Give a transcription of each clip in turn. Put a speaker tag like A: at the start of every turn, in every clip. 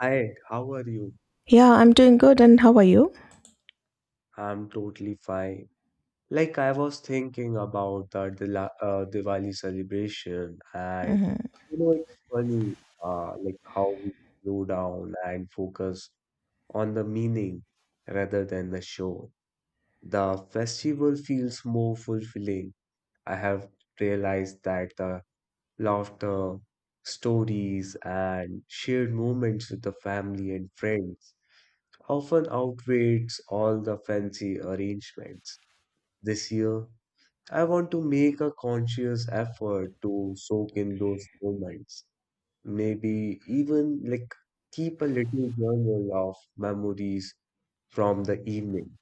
A: Hi, how are you?
B: Yeah, I'm doing good. And how are you?
A: I'm totally fine. I was thinking about the Dila Diwali celebration, and
B: Hmm.
A: it's funny, how we slow down and focus on the meaning rather than the show. The festival feels more fulfilling. I have realized that the laughter, stories, and shared moments with the family and friends often outweighs all the fancy arrangements. This year, I want to make a conscious effort to soak in those moments. Maybe even keep a little journal of memories from the evening,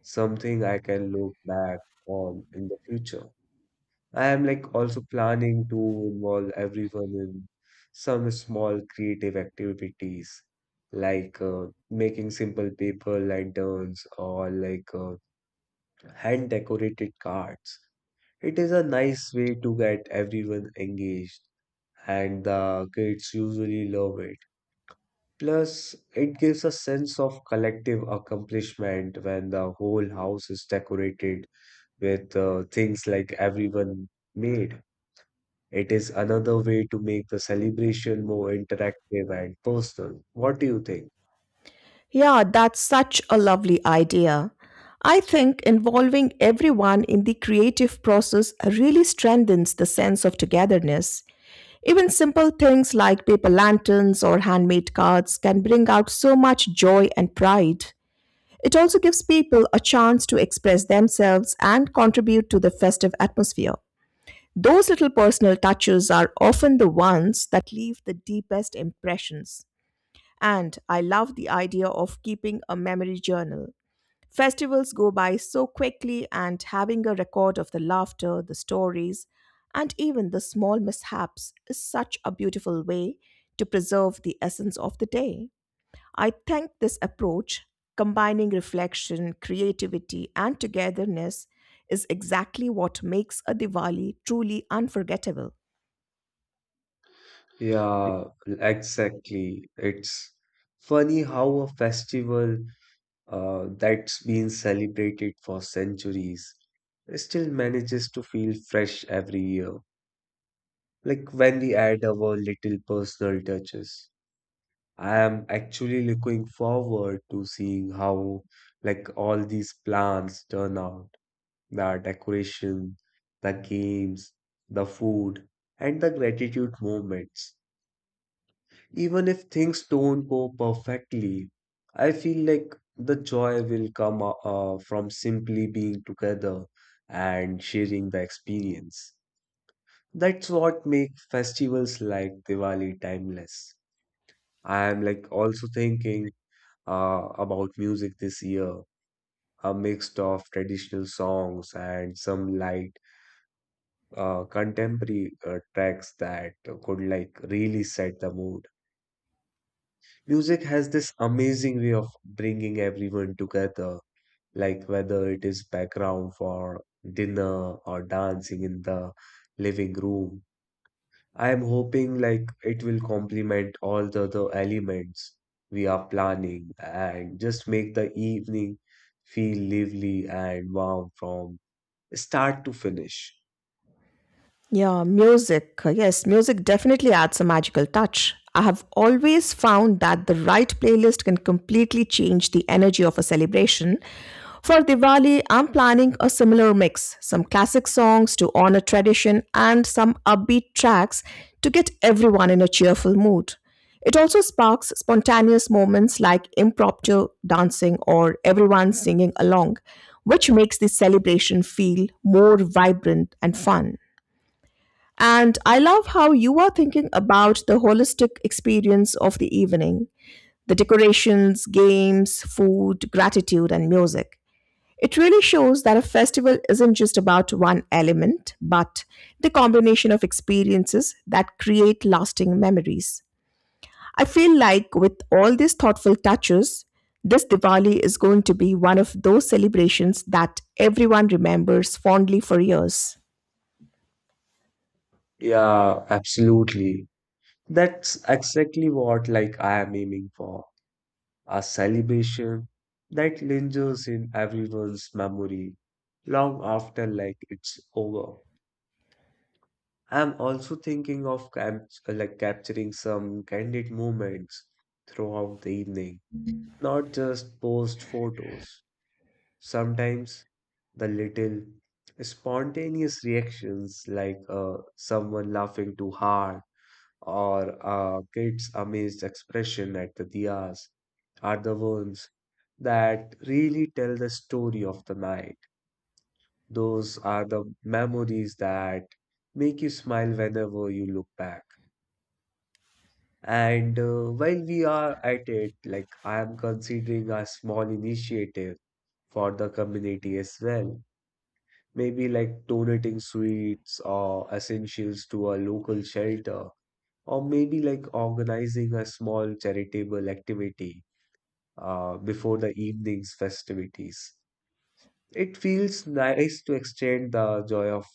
A: something I can look back on in the future. I am also planning to involve everyone in some small creative activities like making simple paper lanterns or hand decorated cards. It is a nice way to get everyone engaged, and the kids usually love it. Plus, it gives a sense of collective accomplishment when the whole house is decorated with things like everyone made. It is another way to make the celebration more interactive and personal. What do you think?
B: Yeah, that's such a lovely idea. I think involving everyone in the creative process really strengthens the sense of togetherness. Even simple things like paper lanterns or handmade cards can bring out so much joy and pride. It also gives people a chance to express themselves and contribute to the festive atmosphere. Those little personal touches are often the ones that leave the deepest impressions. And I love the idea of keeping a memory journal. Festivals go by so quickly, and having a record of the laughter, the stories, and even the small mishaps is such a beautiful way to preserve the essence of the day. I think this approach, combining reflection, creativity, and togetherness, is exactly what makes a Diwali truly unforgettable.
A: Yeah, exactly. It's funny how a festival that's been celebrated for centuries still manages to feel fresh every year, like when we add our little personal touches. I am actually looking forward to seeing how all these plans turn out: the decoration, the games, the food, and the gratitude moments. Even if things don't go perfectly, I feel like the joy will come from simply being together and sharing the experience. That's what make festivals like Diwali timeless. I am also thinking about music this year, a mix of traditional songs and some light contemporary tracks that could really set the mood. Music has this amazing way of bringing everyone together, like whether it is background for dinner or dancing in the living room. I am hoping it will complement all the other elements we are planning and just make the evening feel lively and warm from start to finish.
B: Yeah, music. Yes, music definitely adds a magical touch. I have always found that the right playlist can completely change the energy of a celebration. For Diwali, I'm planning a similar mix, some classic songs to honor tradition and some upbeat tracks to get everyone in a cheerful mood. It also sparks spontaneous moments like impromptu dancing or everyone singing along, which makes the celebration feel more vibrant and fun. And I love how you are thinking about the holistic experience of the evening, the decorations, games, food, gratitude, and music. It really shows that a festival isn't just about one element, but the combination of experiences that create lasting memories. I feel like with all these thoughtful touches, this Diwali is going to be one of those celebrations that everyone remembers fondly for years.
A: Yeah, absolutely. That's exactly what I am aiming for. A celebration that lingers in everyone's memory long after it's over. I'm also thinking of capturing some candid moments throughout the evening, not just post photos. Sometimes the little spontaneous reactions like someone laughing too hard or a kid's amazed expression at the diyas are the ones that really tell the story of the night. Those are the memories that make you smile whenever you look back. And while we are at it, I am considering a small initiative for the community as well. Maybe like donating sweets or essentials to a local shelter, or maybe like organizing a small charitable activity before the evening's festivities. It feels nice to extend the joy of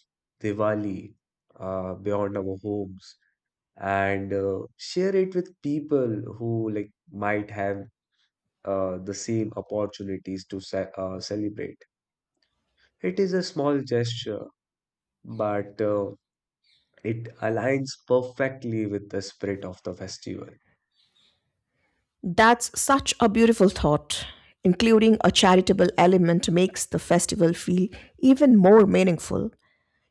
A: Diwali beyond our homes and share it with people who might have the same opportunities to ce celebrate. It is a small gesture, but it aligns perfectly with the spirit of the festival.
B: That's such a beautiful thought. Including a charitable element makes the festival feel even more meaningful.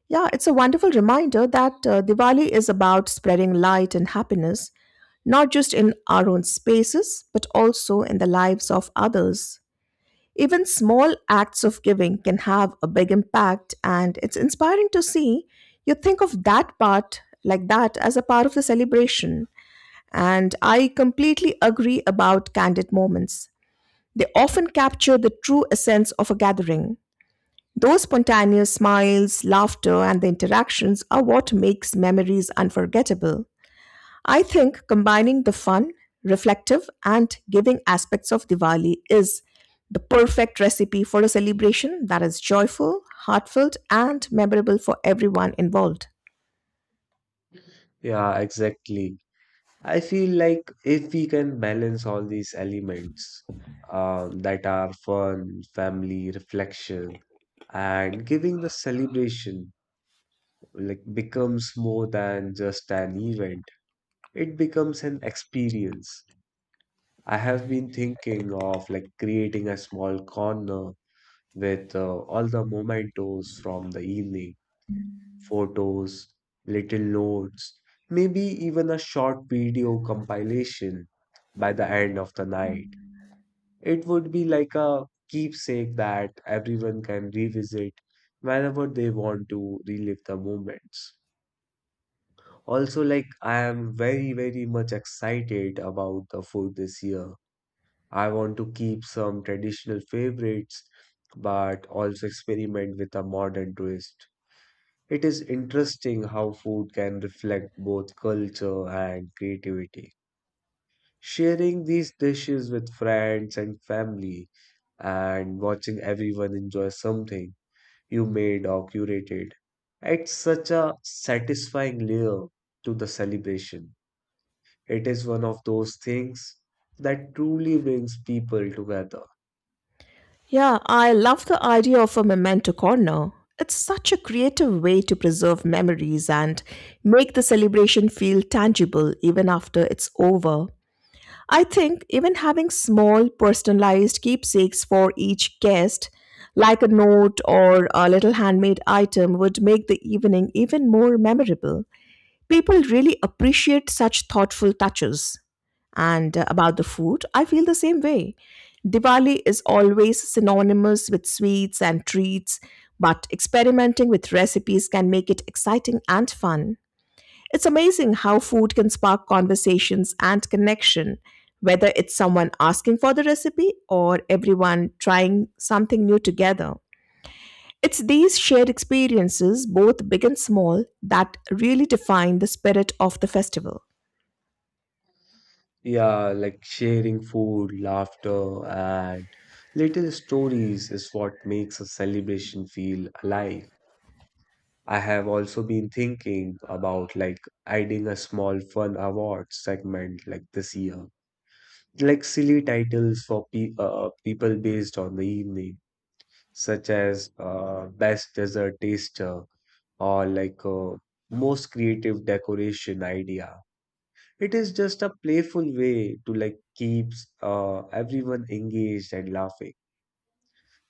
B: Yeah, it's a wonderful reminder that Diwali is about spreading light and happiness, not just in our own spaces, but also in the lives of others. Even small acts of giving can have a big impact, and it's inspiring to see you think of that part like that as a part of the celebration. And I completely agree about candid moments. They often capture the true essence of a gathering. Those spontaneous smiles, laughter, and the interactions are what makes memories unforgettable. I think combining the fun, reflective, and giving aspects of Diwali is the perfect recipe for a celebration that is joyful, heartfelt, and memorable for everyone involved.
A: Yeah, exactly. I feel like if we can balance all these elements that are fun, family, reflection, and giving, the celebration becomes more than just an event. It becomes an experience. I have been thinking of creating a small corner with all the mementos from the evening: photos, little notes, maybe even a short video compilation by the end of the night. It would be like a keepsake that everyone can revisit whenever they want to relive the moments. Also, I am very, very much excited about the food this year. I want to keep some traditional favorites, but also experiment with a modern twist. It is interesting how food can reflect both culture and creativity. Sharing these dishes with friends and family and watching everyone enjoy something you made or curated, adds such a satisfying layer to the celebration. It is one of those things that truly brings people together.
B: Yeah, I love the idea of a memento corner. It's such a creative way to preserve memories and make the celebration feel tangible even after it's over. I think even having small personalized keepsakes for each guest, like a note or a little handmade item, would make the evening even more memorable. People really appreciate such thoughtful touches. And About the food, I feel the same way. Diwali is always synonymous with sweets and treats, but experimenting with recipes can make it exciting and fun. It's amazing how food can spark conversations and connection, whether it's someone asking for the recipe or everyone trying something new together. It's these shared experiences, both big and small, that really define the spirit of the festival.
A: Yeah, like sharing food, laughter, and little stories is what makes a celebration feel alive. I have also been thinking about adding a small fun award segment this year, like silly titles for pe people based on the evening, such as best dessert taster or most creative decoration idea. It is just a playful way to keeps everyone engaged and laughing.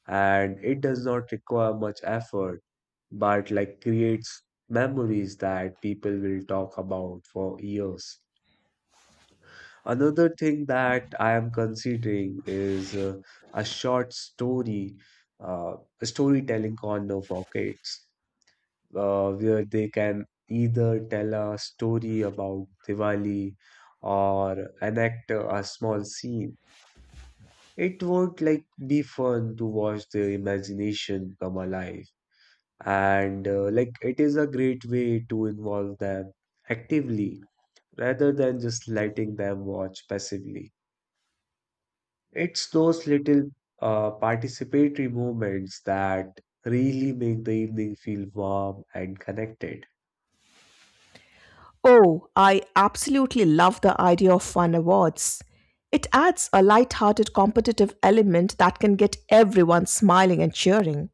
A: And it does not require much effort, but creates memories that people will talk about for years. Another thing that I am considering is a short story, uh, storytelling corner for kids, where they can either tell a story about Diwali or enact a small scene. It would be fun to watch the imagination come alive. And it is a great way to involve them actively rather than just letting them watch passively. It's those little participatory moments that really make the evening feel warm and connected.
B: Oh, I absolutely love the idea of fun awards. It adds a light-hearted competitive element that can get everyone smiling and cheering.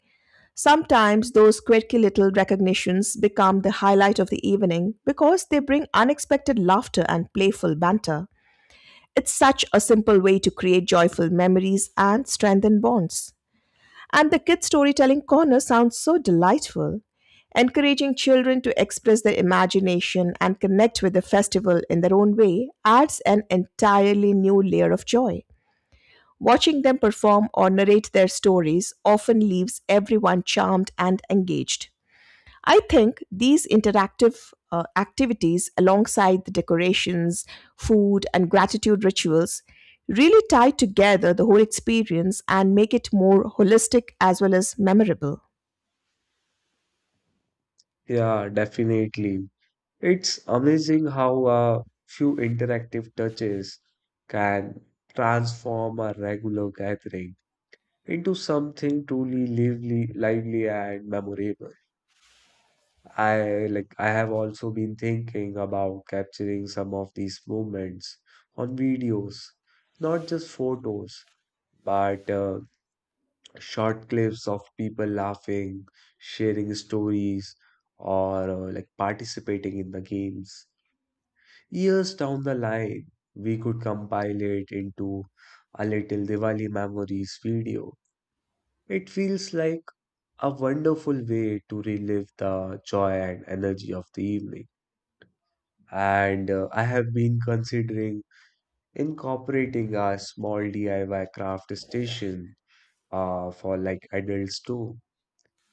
B: Sometimes those quirky little recognitions become the highlight of the evening because they bring unexpected laughter and playful banter. It's such a simple way to create joyful memories and strengthen bonds. And the kids' storytelling corner sounds so delightful. Encouraging children to express their imagination and connect with the festival in their own way adds an entirely new layer of joy. Watching them perform or narrate their stories often leaves everyone charmed and engaged. I think these interactive activities, alongside the decorations, food, and gratitude rituals, really tie together the whole experience and make it more holistic as well as memorable.
A: Yeah, definitely. It's amazing how a few interactive touches can transform a regular gathering into something truly lively and memorable. I have also been thinking about capturing some of these moments on videos, not just photos, but short clips of people laughing, sharing stories, or participating in the games. Years down the line, we could compile it into a little Diwali memories video. It feels like a wonderful way to relive the joy and energy of the evening. And I have been considering incorporating a small DIY craft station for adults too.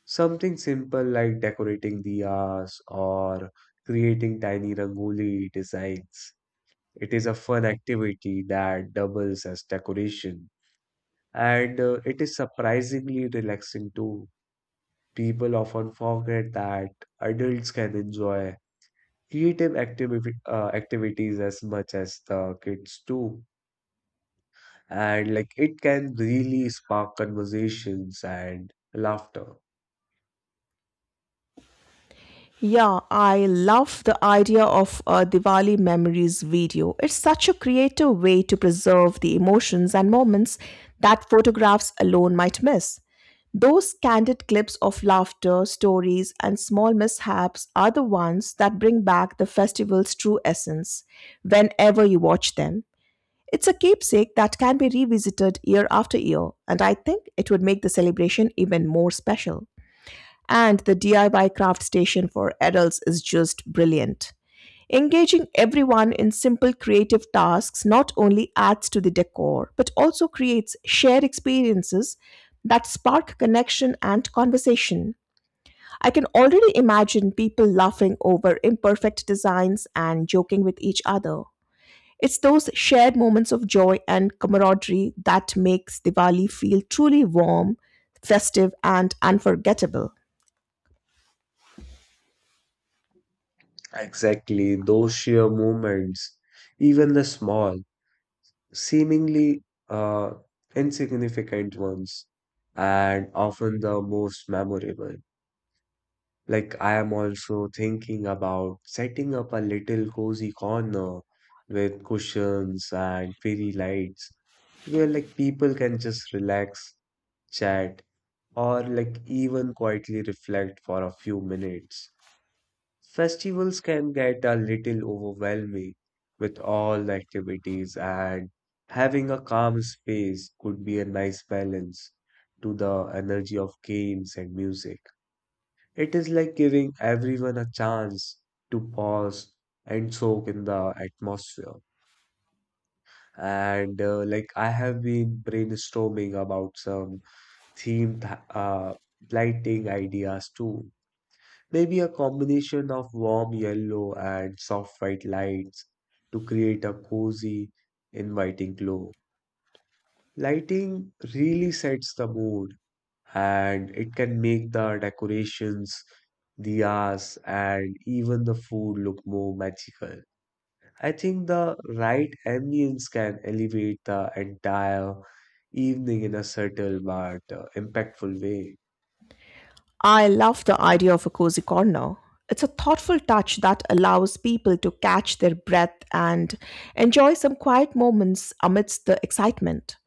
A: Something simple like decorating diyas or creating tiny rangoli designs. It is a fun activity that doubles as decoration, and it is surprisingly relaxing too. People often forget that adults can enjoy activities as much as the kids do, and it can really spark conversations and laughter.
B: Yeah, I love the idea of a Diwali memories video. It's such a creative way to preserve the emotions and moments that photographs alone might miss. Those candid clips of laughter, stories, and small mishaps are the ones that bring back the festival's true essence whenever you watch them. It's a keepsake that can be revisited year after year, and I think it would make the celebration even more special. And the DIY craft station for adults is just brilliant. Engaging everyone in simple creative tasks not only adds to the decor, but also creates shared experiences that spark connection and conversation. I can already imagine people laughing over imperfect designs and joking with each other. It's those shared moments of joy and camaraderie that makes Diwali feel truly warm, festive, and unforgettable.
A: Exactly, those sheer moments, even the small seemingly uh, insignificant ones and often the most memorable. I am also thinking about setting up a little cozy corner with cushions and fairy lights where, people can just relax, chat, or even quietly reflect for a few minutes. Festivals can get a little overwhelming with all the activities, and having a calm space could be a nice balance to the energy of games and music. It is like giving everyone a chance to pause and soak in the atmosphere. And I have been brainstorming about some themed lighting ideas too. Maybe a combination of warm yellow and soft white lights to create a cozy, inviting glow. Lighting really sets the mood, and it can make the decorations, the hours, and even the food look more magical. I think the right ambience can elevate the entire evening in a subtle but impactful way.
B: I love the idea of a cozy corner. It's a thoughtful touch that allows people to catch their breath and enjoy some quiet moments amidst the excitement.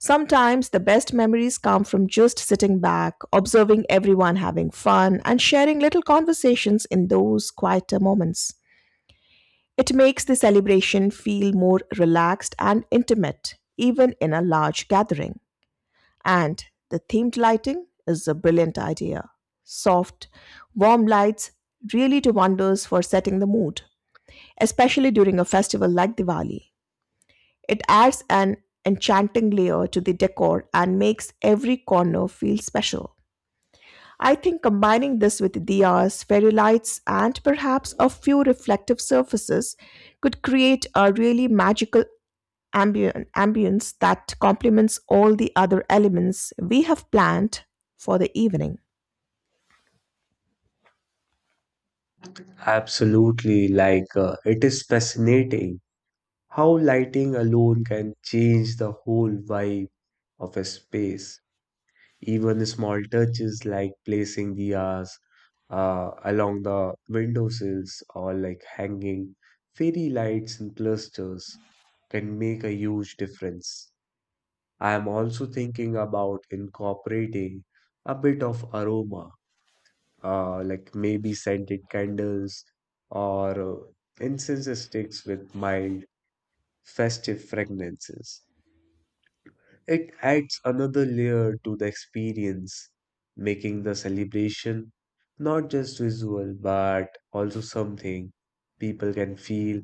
B: Sometimes the best memories come from just sitting back, observing everyone having fun, and sharing little conversations in those quieter moments. It makes the celebration feel more relaxed and intimate, even in a large gathering. And the themed lighting is a brilliant idea. Soft, warm lights really do wonders for setting the mood, especially during a festival like Diwali. It adds an enchanting layer to the decor and makes every corner feel special. I think combining this with diyas, fairy lights, and perhaps a few reflective surfaces could create a really magical ambience that complements all the other elements we have planned for the evening.
A: Absolutely, it is fascinating how lighting alone can change the whole vibe of a space. Even small touches like placing diyas along the windowsills or hanging fairy lights in clusters can make a huge difference. I am also thinking about incorporating a bit of aroma, like maybe scented candles or incense sticks with mild festive fragrances. It adds another layer to the experience, making the celebration not just visual but also something people can feel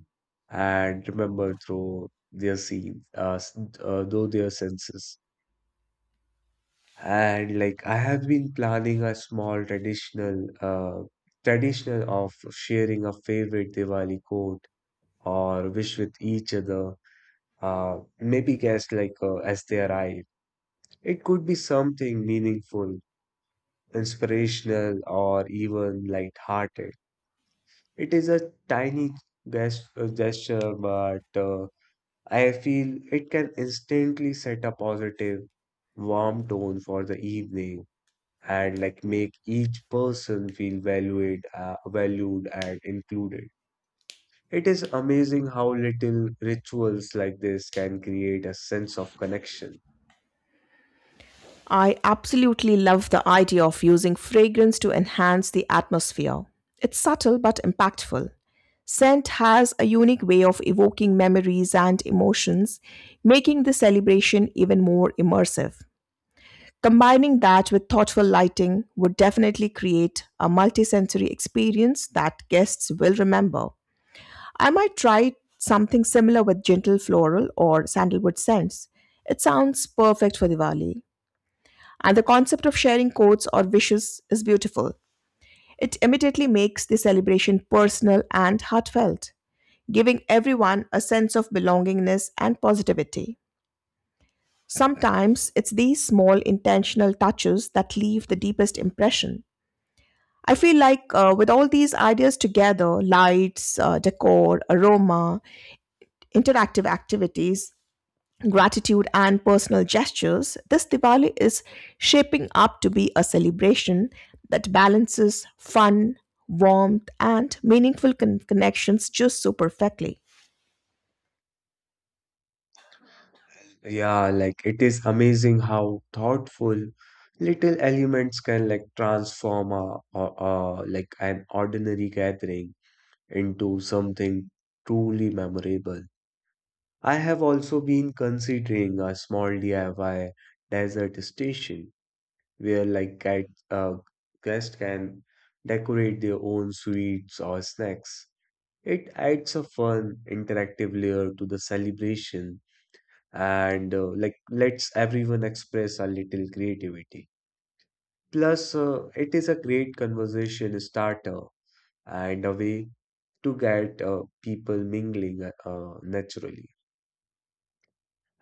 A: and remember through their through their senses. And I have been planning a small traditional of sharing a favorite Diwali quote or wish with each other. Maybe guess as they arrive. It could be something meaningful, inspirational, or even lighthearted. It is a tiny gesture, but I feel it can instantly set a positive, warm tone for the evening and make each person feel valued and included. It is amazing how little rituals like this can create a sense of connection.
B: I absolutely love the idea of using fragrance to enhance the atmosphere. It's subtle but impactful. Scent has a unique way of evoking memories and emotions, making the celebration even more immersive. Combining that with thoughtful lighting would definitely create a multisensory experience that guests will remember. I might try something similar with gentle floral or sandalwood scents. It sounds perfect for Diwali. And the concept of sharing codes or wishes is beautiful. It immediately makes the celebration personal and heartfelt, giving everyone a sense of belongingness and positivity. Sometimes it's these small intentional touches that leave the deepest impression. I feel like with all these ideas together, lights, decor, aroma, interactive activities, gratitude and personal gestures, this Diwali is shaping up to be a celebration that balances fun, warmth, and meaningful connections just so perfectly.
A: Yeah, like it is amazing how thoughtful little elements can transform a like an ordinary gathering into something truly memorable. I have also been considering a small DIY desert station where guests can decorate their own sweets or snacks. It adds a fun, interactive layer to the celebration and lets everyone express a little creativity. Plus, it is a great conversation starter and a way to get people mingling naturally.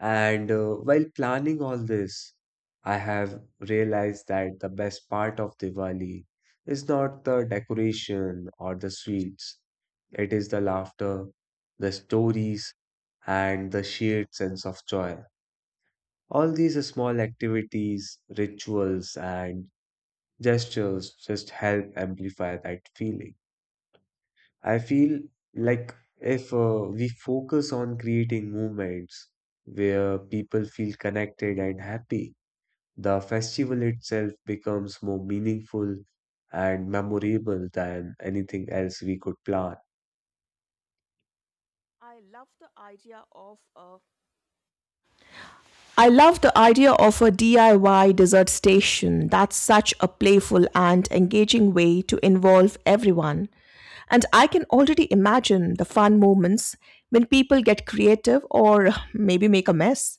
A: And while planning all this, I have realized that the best part of Diwali is not the decoration or the sweets, it is the laughter, the stories, and the shared sense of joy. All these small activities, rituals, and gestures just help amplify that feeling. I feel like if we focus on creating movements where people feel connected and happy, the festival itself becomes more meaningful and memorable than anything else we could plan.
B: I love the idea of a I love the idea of a DIY dessert station. That's such a playful and engaging way to involve everyone. And I can already imagine the fun moments when people get creative or maybe make a mess.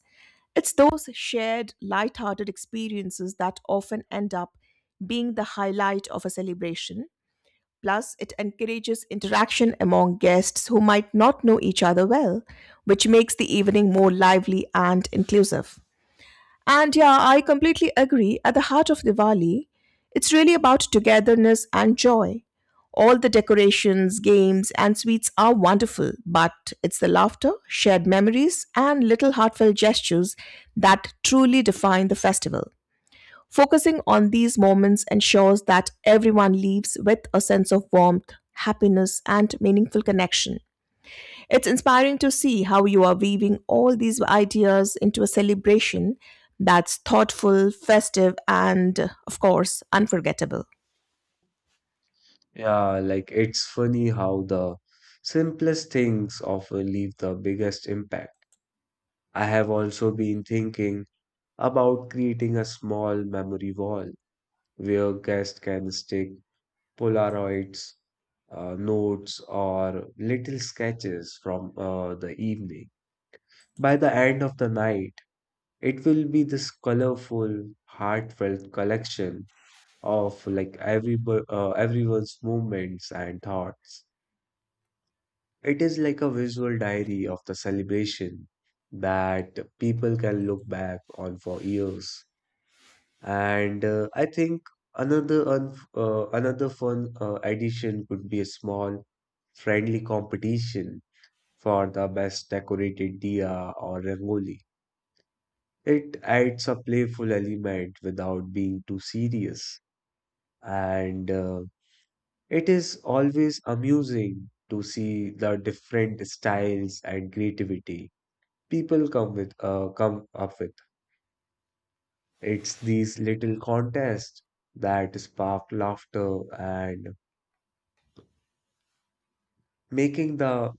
B: It's those shared, lighthearted experiences that often end up being the highlight of a celebration. Plus, it encourages interaction among guests who might not know each other well, which makes the evening more lively and inclusive. And yeah, I completely agree. At the heart of Diwali, it's really about togetherness and joy. All the decorations, games, and sweets are wonderful, but it's the laughter, shared memories, and little heartfelt gestures that truly define the festival. Focusing on these moments ensures that everyone leaves with a sense of warmth, happiness, and meaningful connection. It's inspiring to see how you are weaving all these ideas into a celebration that's thoughtful, festive, and, of course, unforgettable.
A: Yeah, like it's funny how the simplest things often leave the biggest impact. I have also been thinking about creating a small memory wall where guests can stick Polaroids, notes, or little sketches from the evening. By the end of the night, it will be this colorful, heartfelt collection of everyone's movements and thoughts. It is like a visual diary of the celebration that people can look back on for years. And I think another fun addition could be a small friendly competition for the best decorated diya or rangoli. It adds a playful element without being too serious, and it is always amusing to see the different styles and creativity people come up with. It's these little contests that spark laughter and making the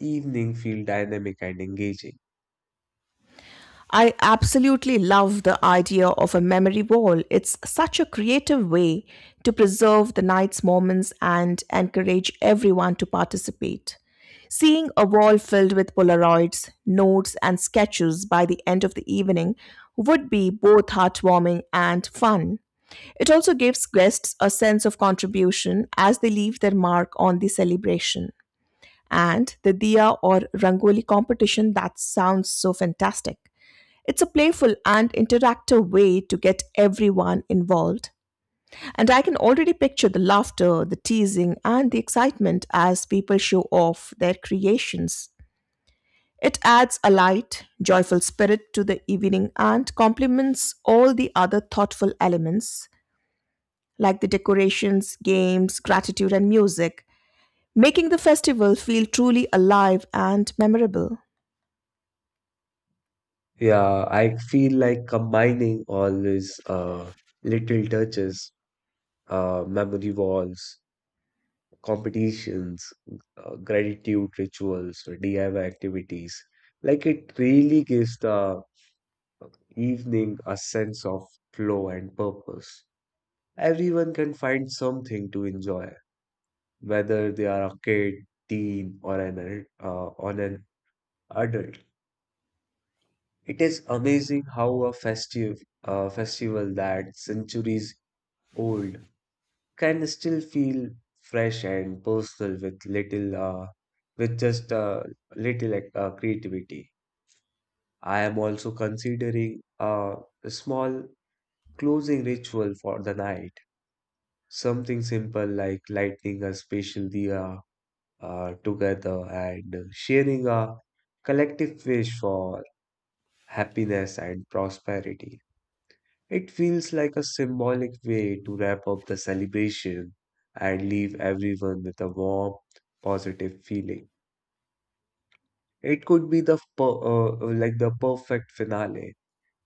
A: evening feel dynamic and engaging.
B: I absolutely love the idea of a memory wall. It's such a creative way to preserve the night's moments and encourage everyone to participate. Seeing a wall filled with Polaroids, notes, and sketches by the end of the evening would be both heartwarming and fun. It also gives guests a sense of contribution as they leave their mark on the celebration. And the diya or rangoli competition, that sounds so fantastic. It's a playful and interactive way to get everyone involved. And I can already picture the laughter, the teasing, and the excitement as people show off their creations. It adds a light, joyful spirit to the evening and complements all the other thoughtful elements like the decorations, games, gratitude, and music, making the festival feel truly alive and memorable.
A: Yeah, I feel like combining all these little touches, memory walls, competitions, gratitude rituals, or DIY activities, it really gives the evening a sense of flow and purpose. Everyone can find something to enjoy, whether they are a kid, teen, or an ad- on an adult. It is amazing how a festival that centuries old can still feel fresh and personal with little with just little like, creativity. I am also considering a small closing ritual for the night. Something simple like lighting a special diya together and sharing a collective wish for happiness and prosperity. It feels like a symbolic way to wrap up the celebration and leave everyone with a warm, positive feeling. It could be the perfect finale,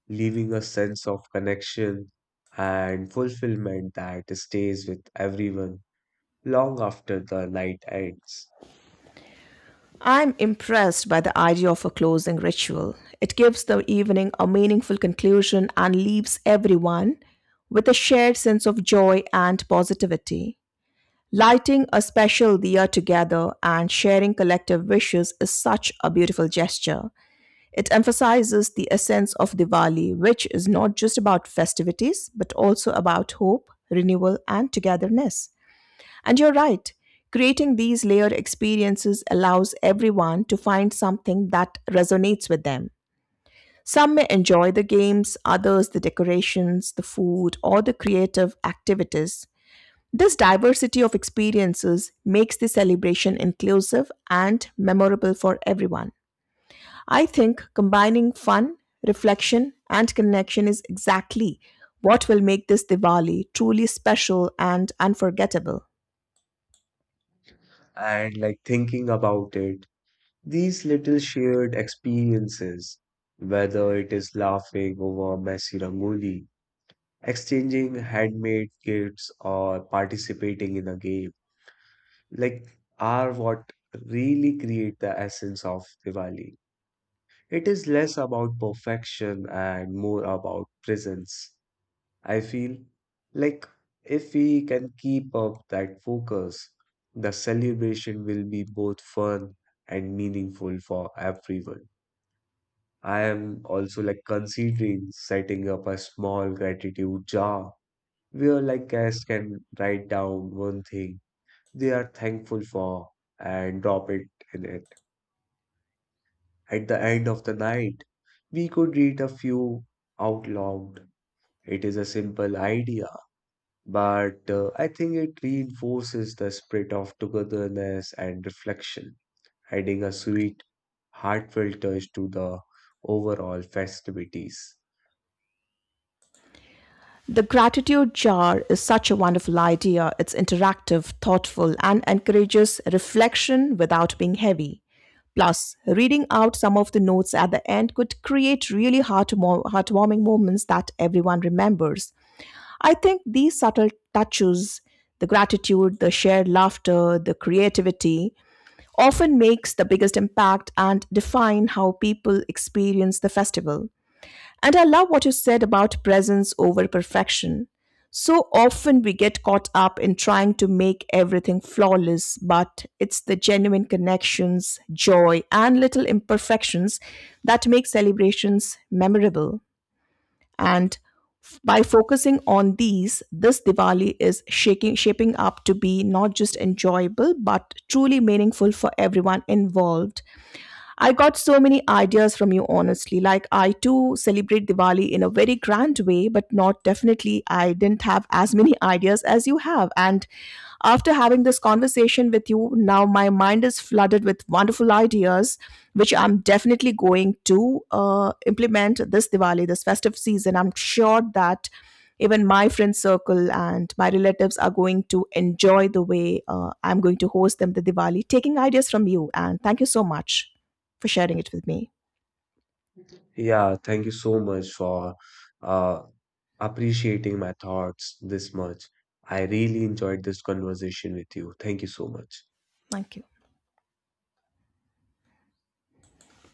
A: leaving a sense of connection and fulfillment that stays with everyone long after the night ends.
B: I'm impressed by the idea of a closing ritual. It gives the evening a meaningful conclusion and leaves everyone with a shared sense of joy and positivity. Lighting a special diya together and sharing collective wishes is such a beautiful gesture. It emphasizes the essence of Diwali, which is not just about festivities but also about hope, renewal, and togetherness. And you're right, creating these layered experiences allows everyone to find something that resonates with them. Some may enjoy the games, others the decorations, the food, or the creative activities. This diversity of experiences makes the celebration inclusive and memorable for everyone. I think combining fun, reflection, and connection is exactly what will make this Diwali truly special and unforgettable.
A: And thinking about it, these little shared experiences, whether it is laughing over a messy rangoli, exchanging handmade gifts, or participating in a game, like are what really create the essence of Diwali. It is less about perfection and more about presence. I feel like if we can keep up that focus, the celebration will be both fun and meaningful for everyone. I am also considering setting up a small gratitude jar where guests can write down one thing they are thankful for and drop it in it. At the end of the night, we could read a few out loud. It is a simple idea, but I think it reinforces the spirit of togetherness and reflection, adding a sweet, heartfelt touch to the overall festivities.
B: The gratitude jar is such a wonderful idea. It's interactive, thoughtful, and encourages reflection without being heavy. Plus, reading out some of the notes at the end could create really heartwarming moments that everyone remembers. I think these subtle touches, the gratitude, the shared laughter, the creativity, often makes the biggest impact and define how people experience the festival. And I love what you said about presence over perfection. So often we get caught up in trying to make everything flawless, but it's the genuine connections, joy, and little imperfections that make celebrations memorable. And by focusing on these, this Diwali is shaping up to be not just enjoyable, but truly meaningful for everyone involved. I got so many ideas from you, honestly. Like, I too celebrate Diwali in a very grand way, but not definitely. I didn't have as many ideas as you have. And after having this conversation with you, now my mind is flooded with wonderful ideas, which I'm definitely going to implement this Diwali, this festive season. I'm sure that even my friend circle and my relatives are going to enjoy the way I'm going to host them the Diwali, taking ideas from you. And thank you so much for sharing it with me.
A: Yeah, thank you so much for uh, appreciating my thoughts this much. I really enjoyed this conversation with you. Thank you so much.
B: Thank you.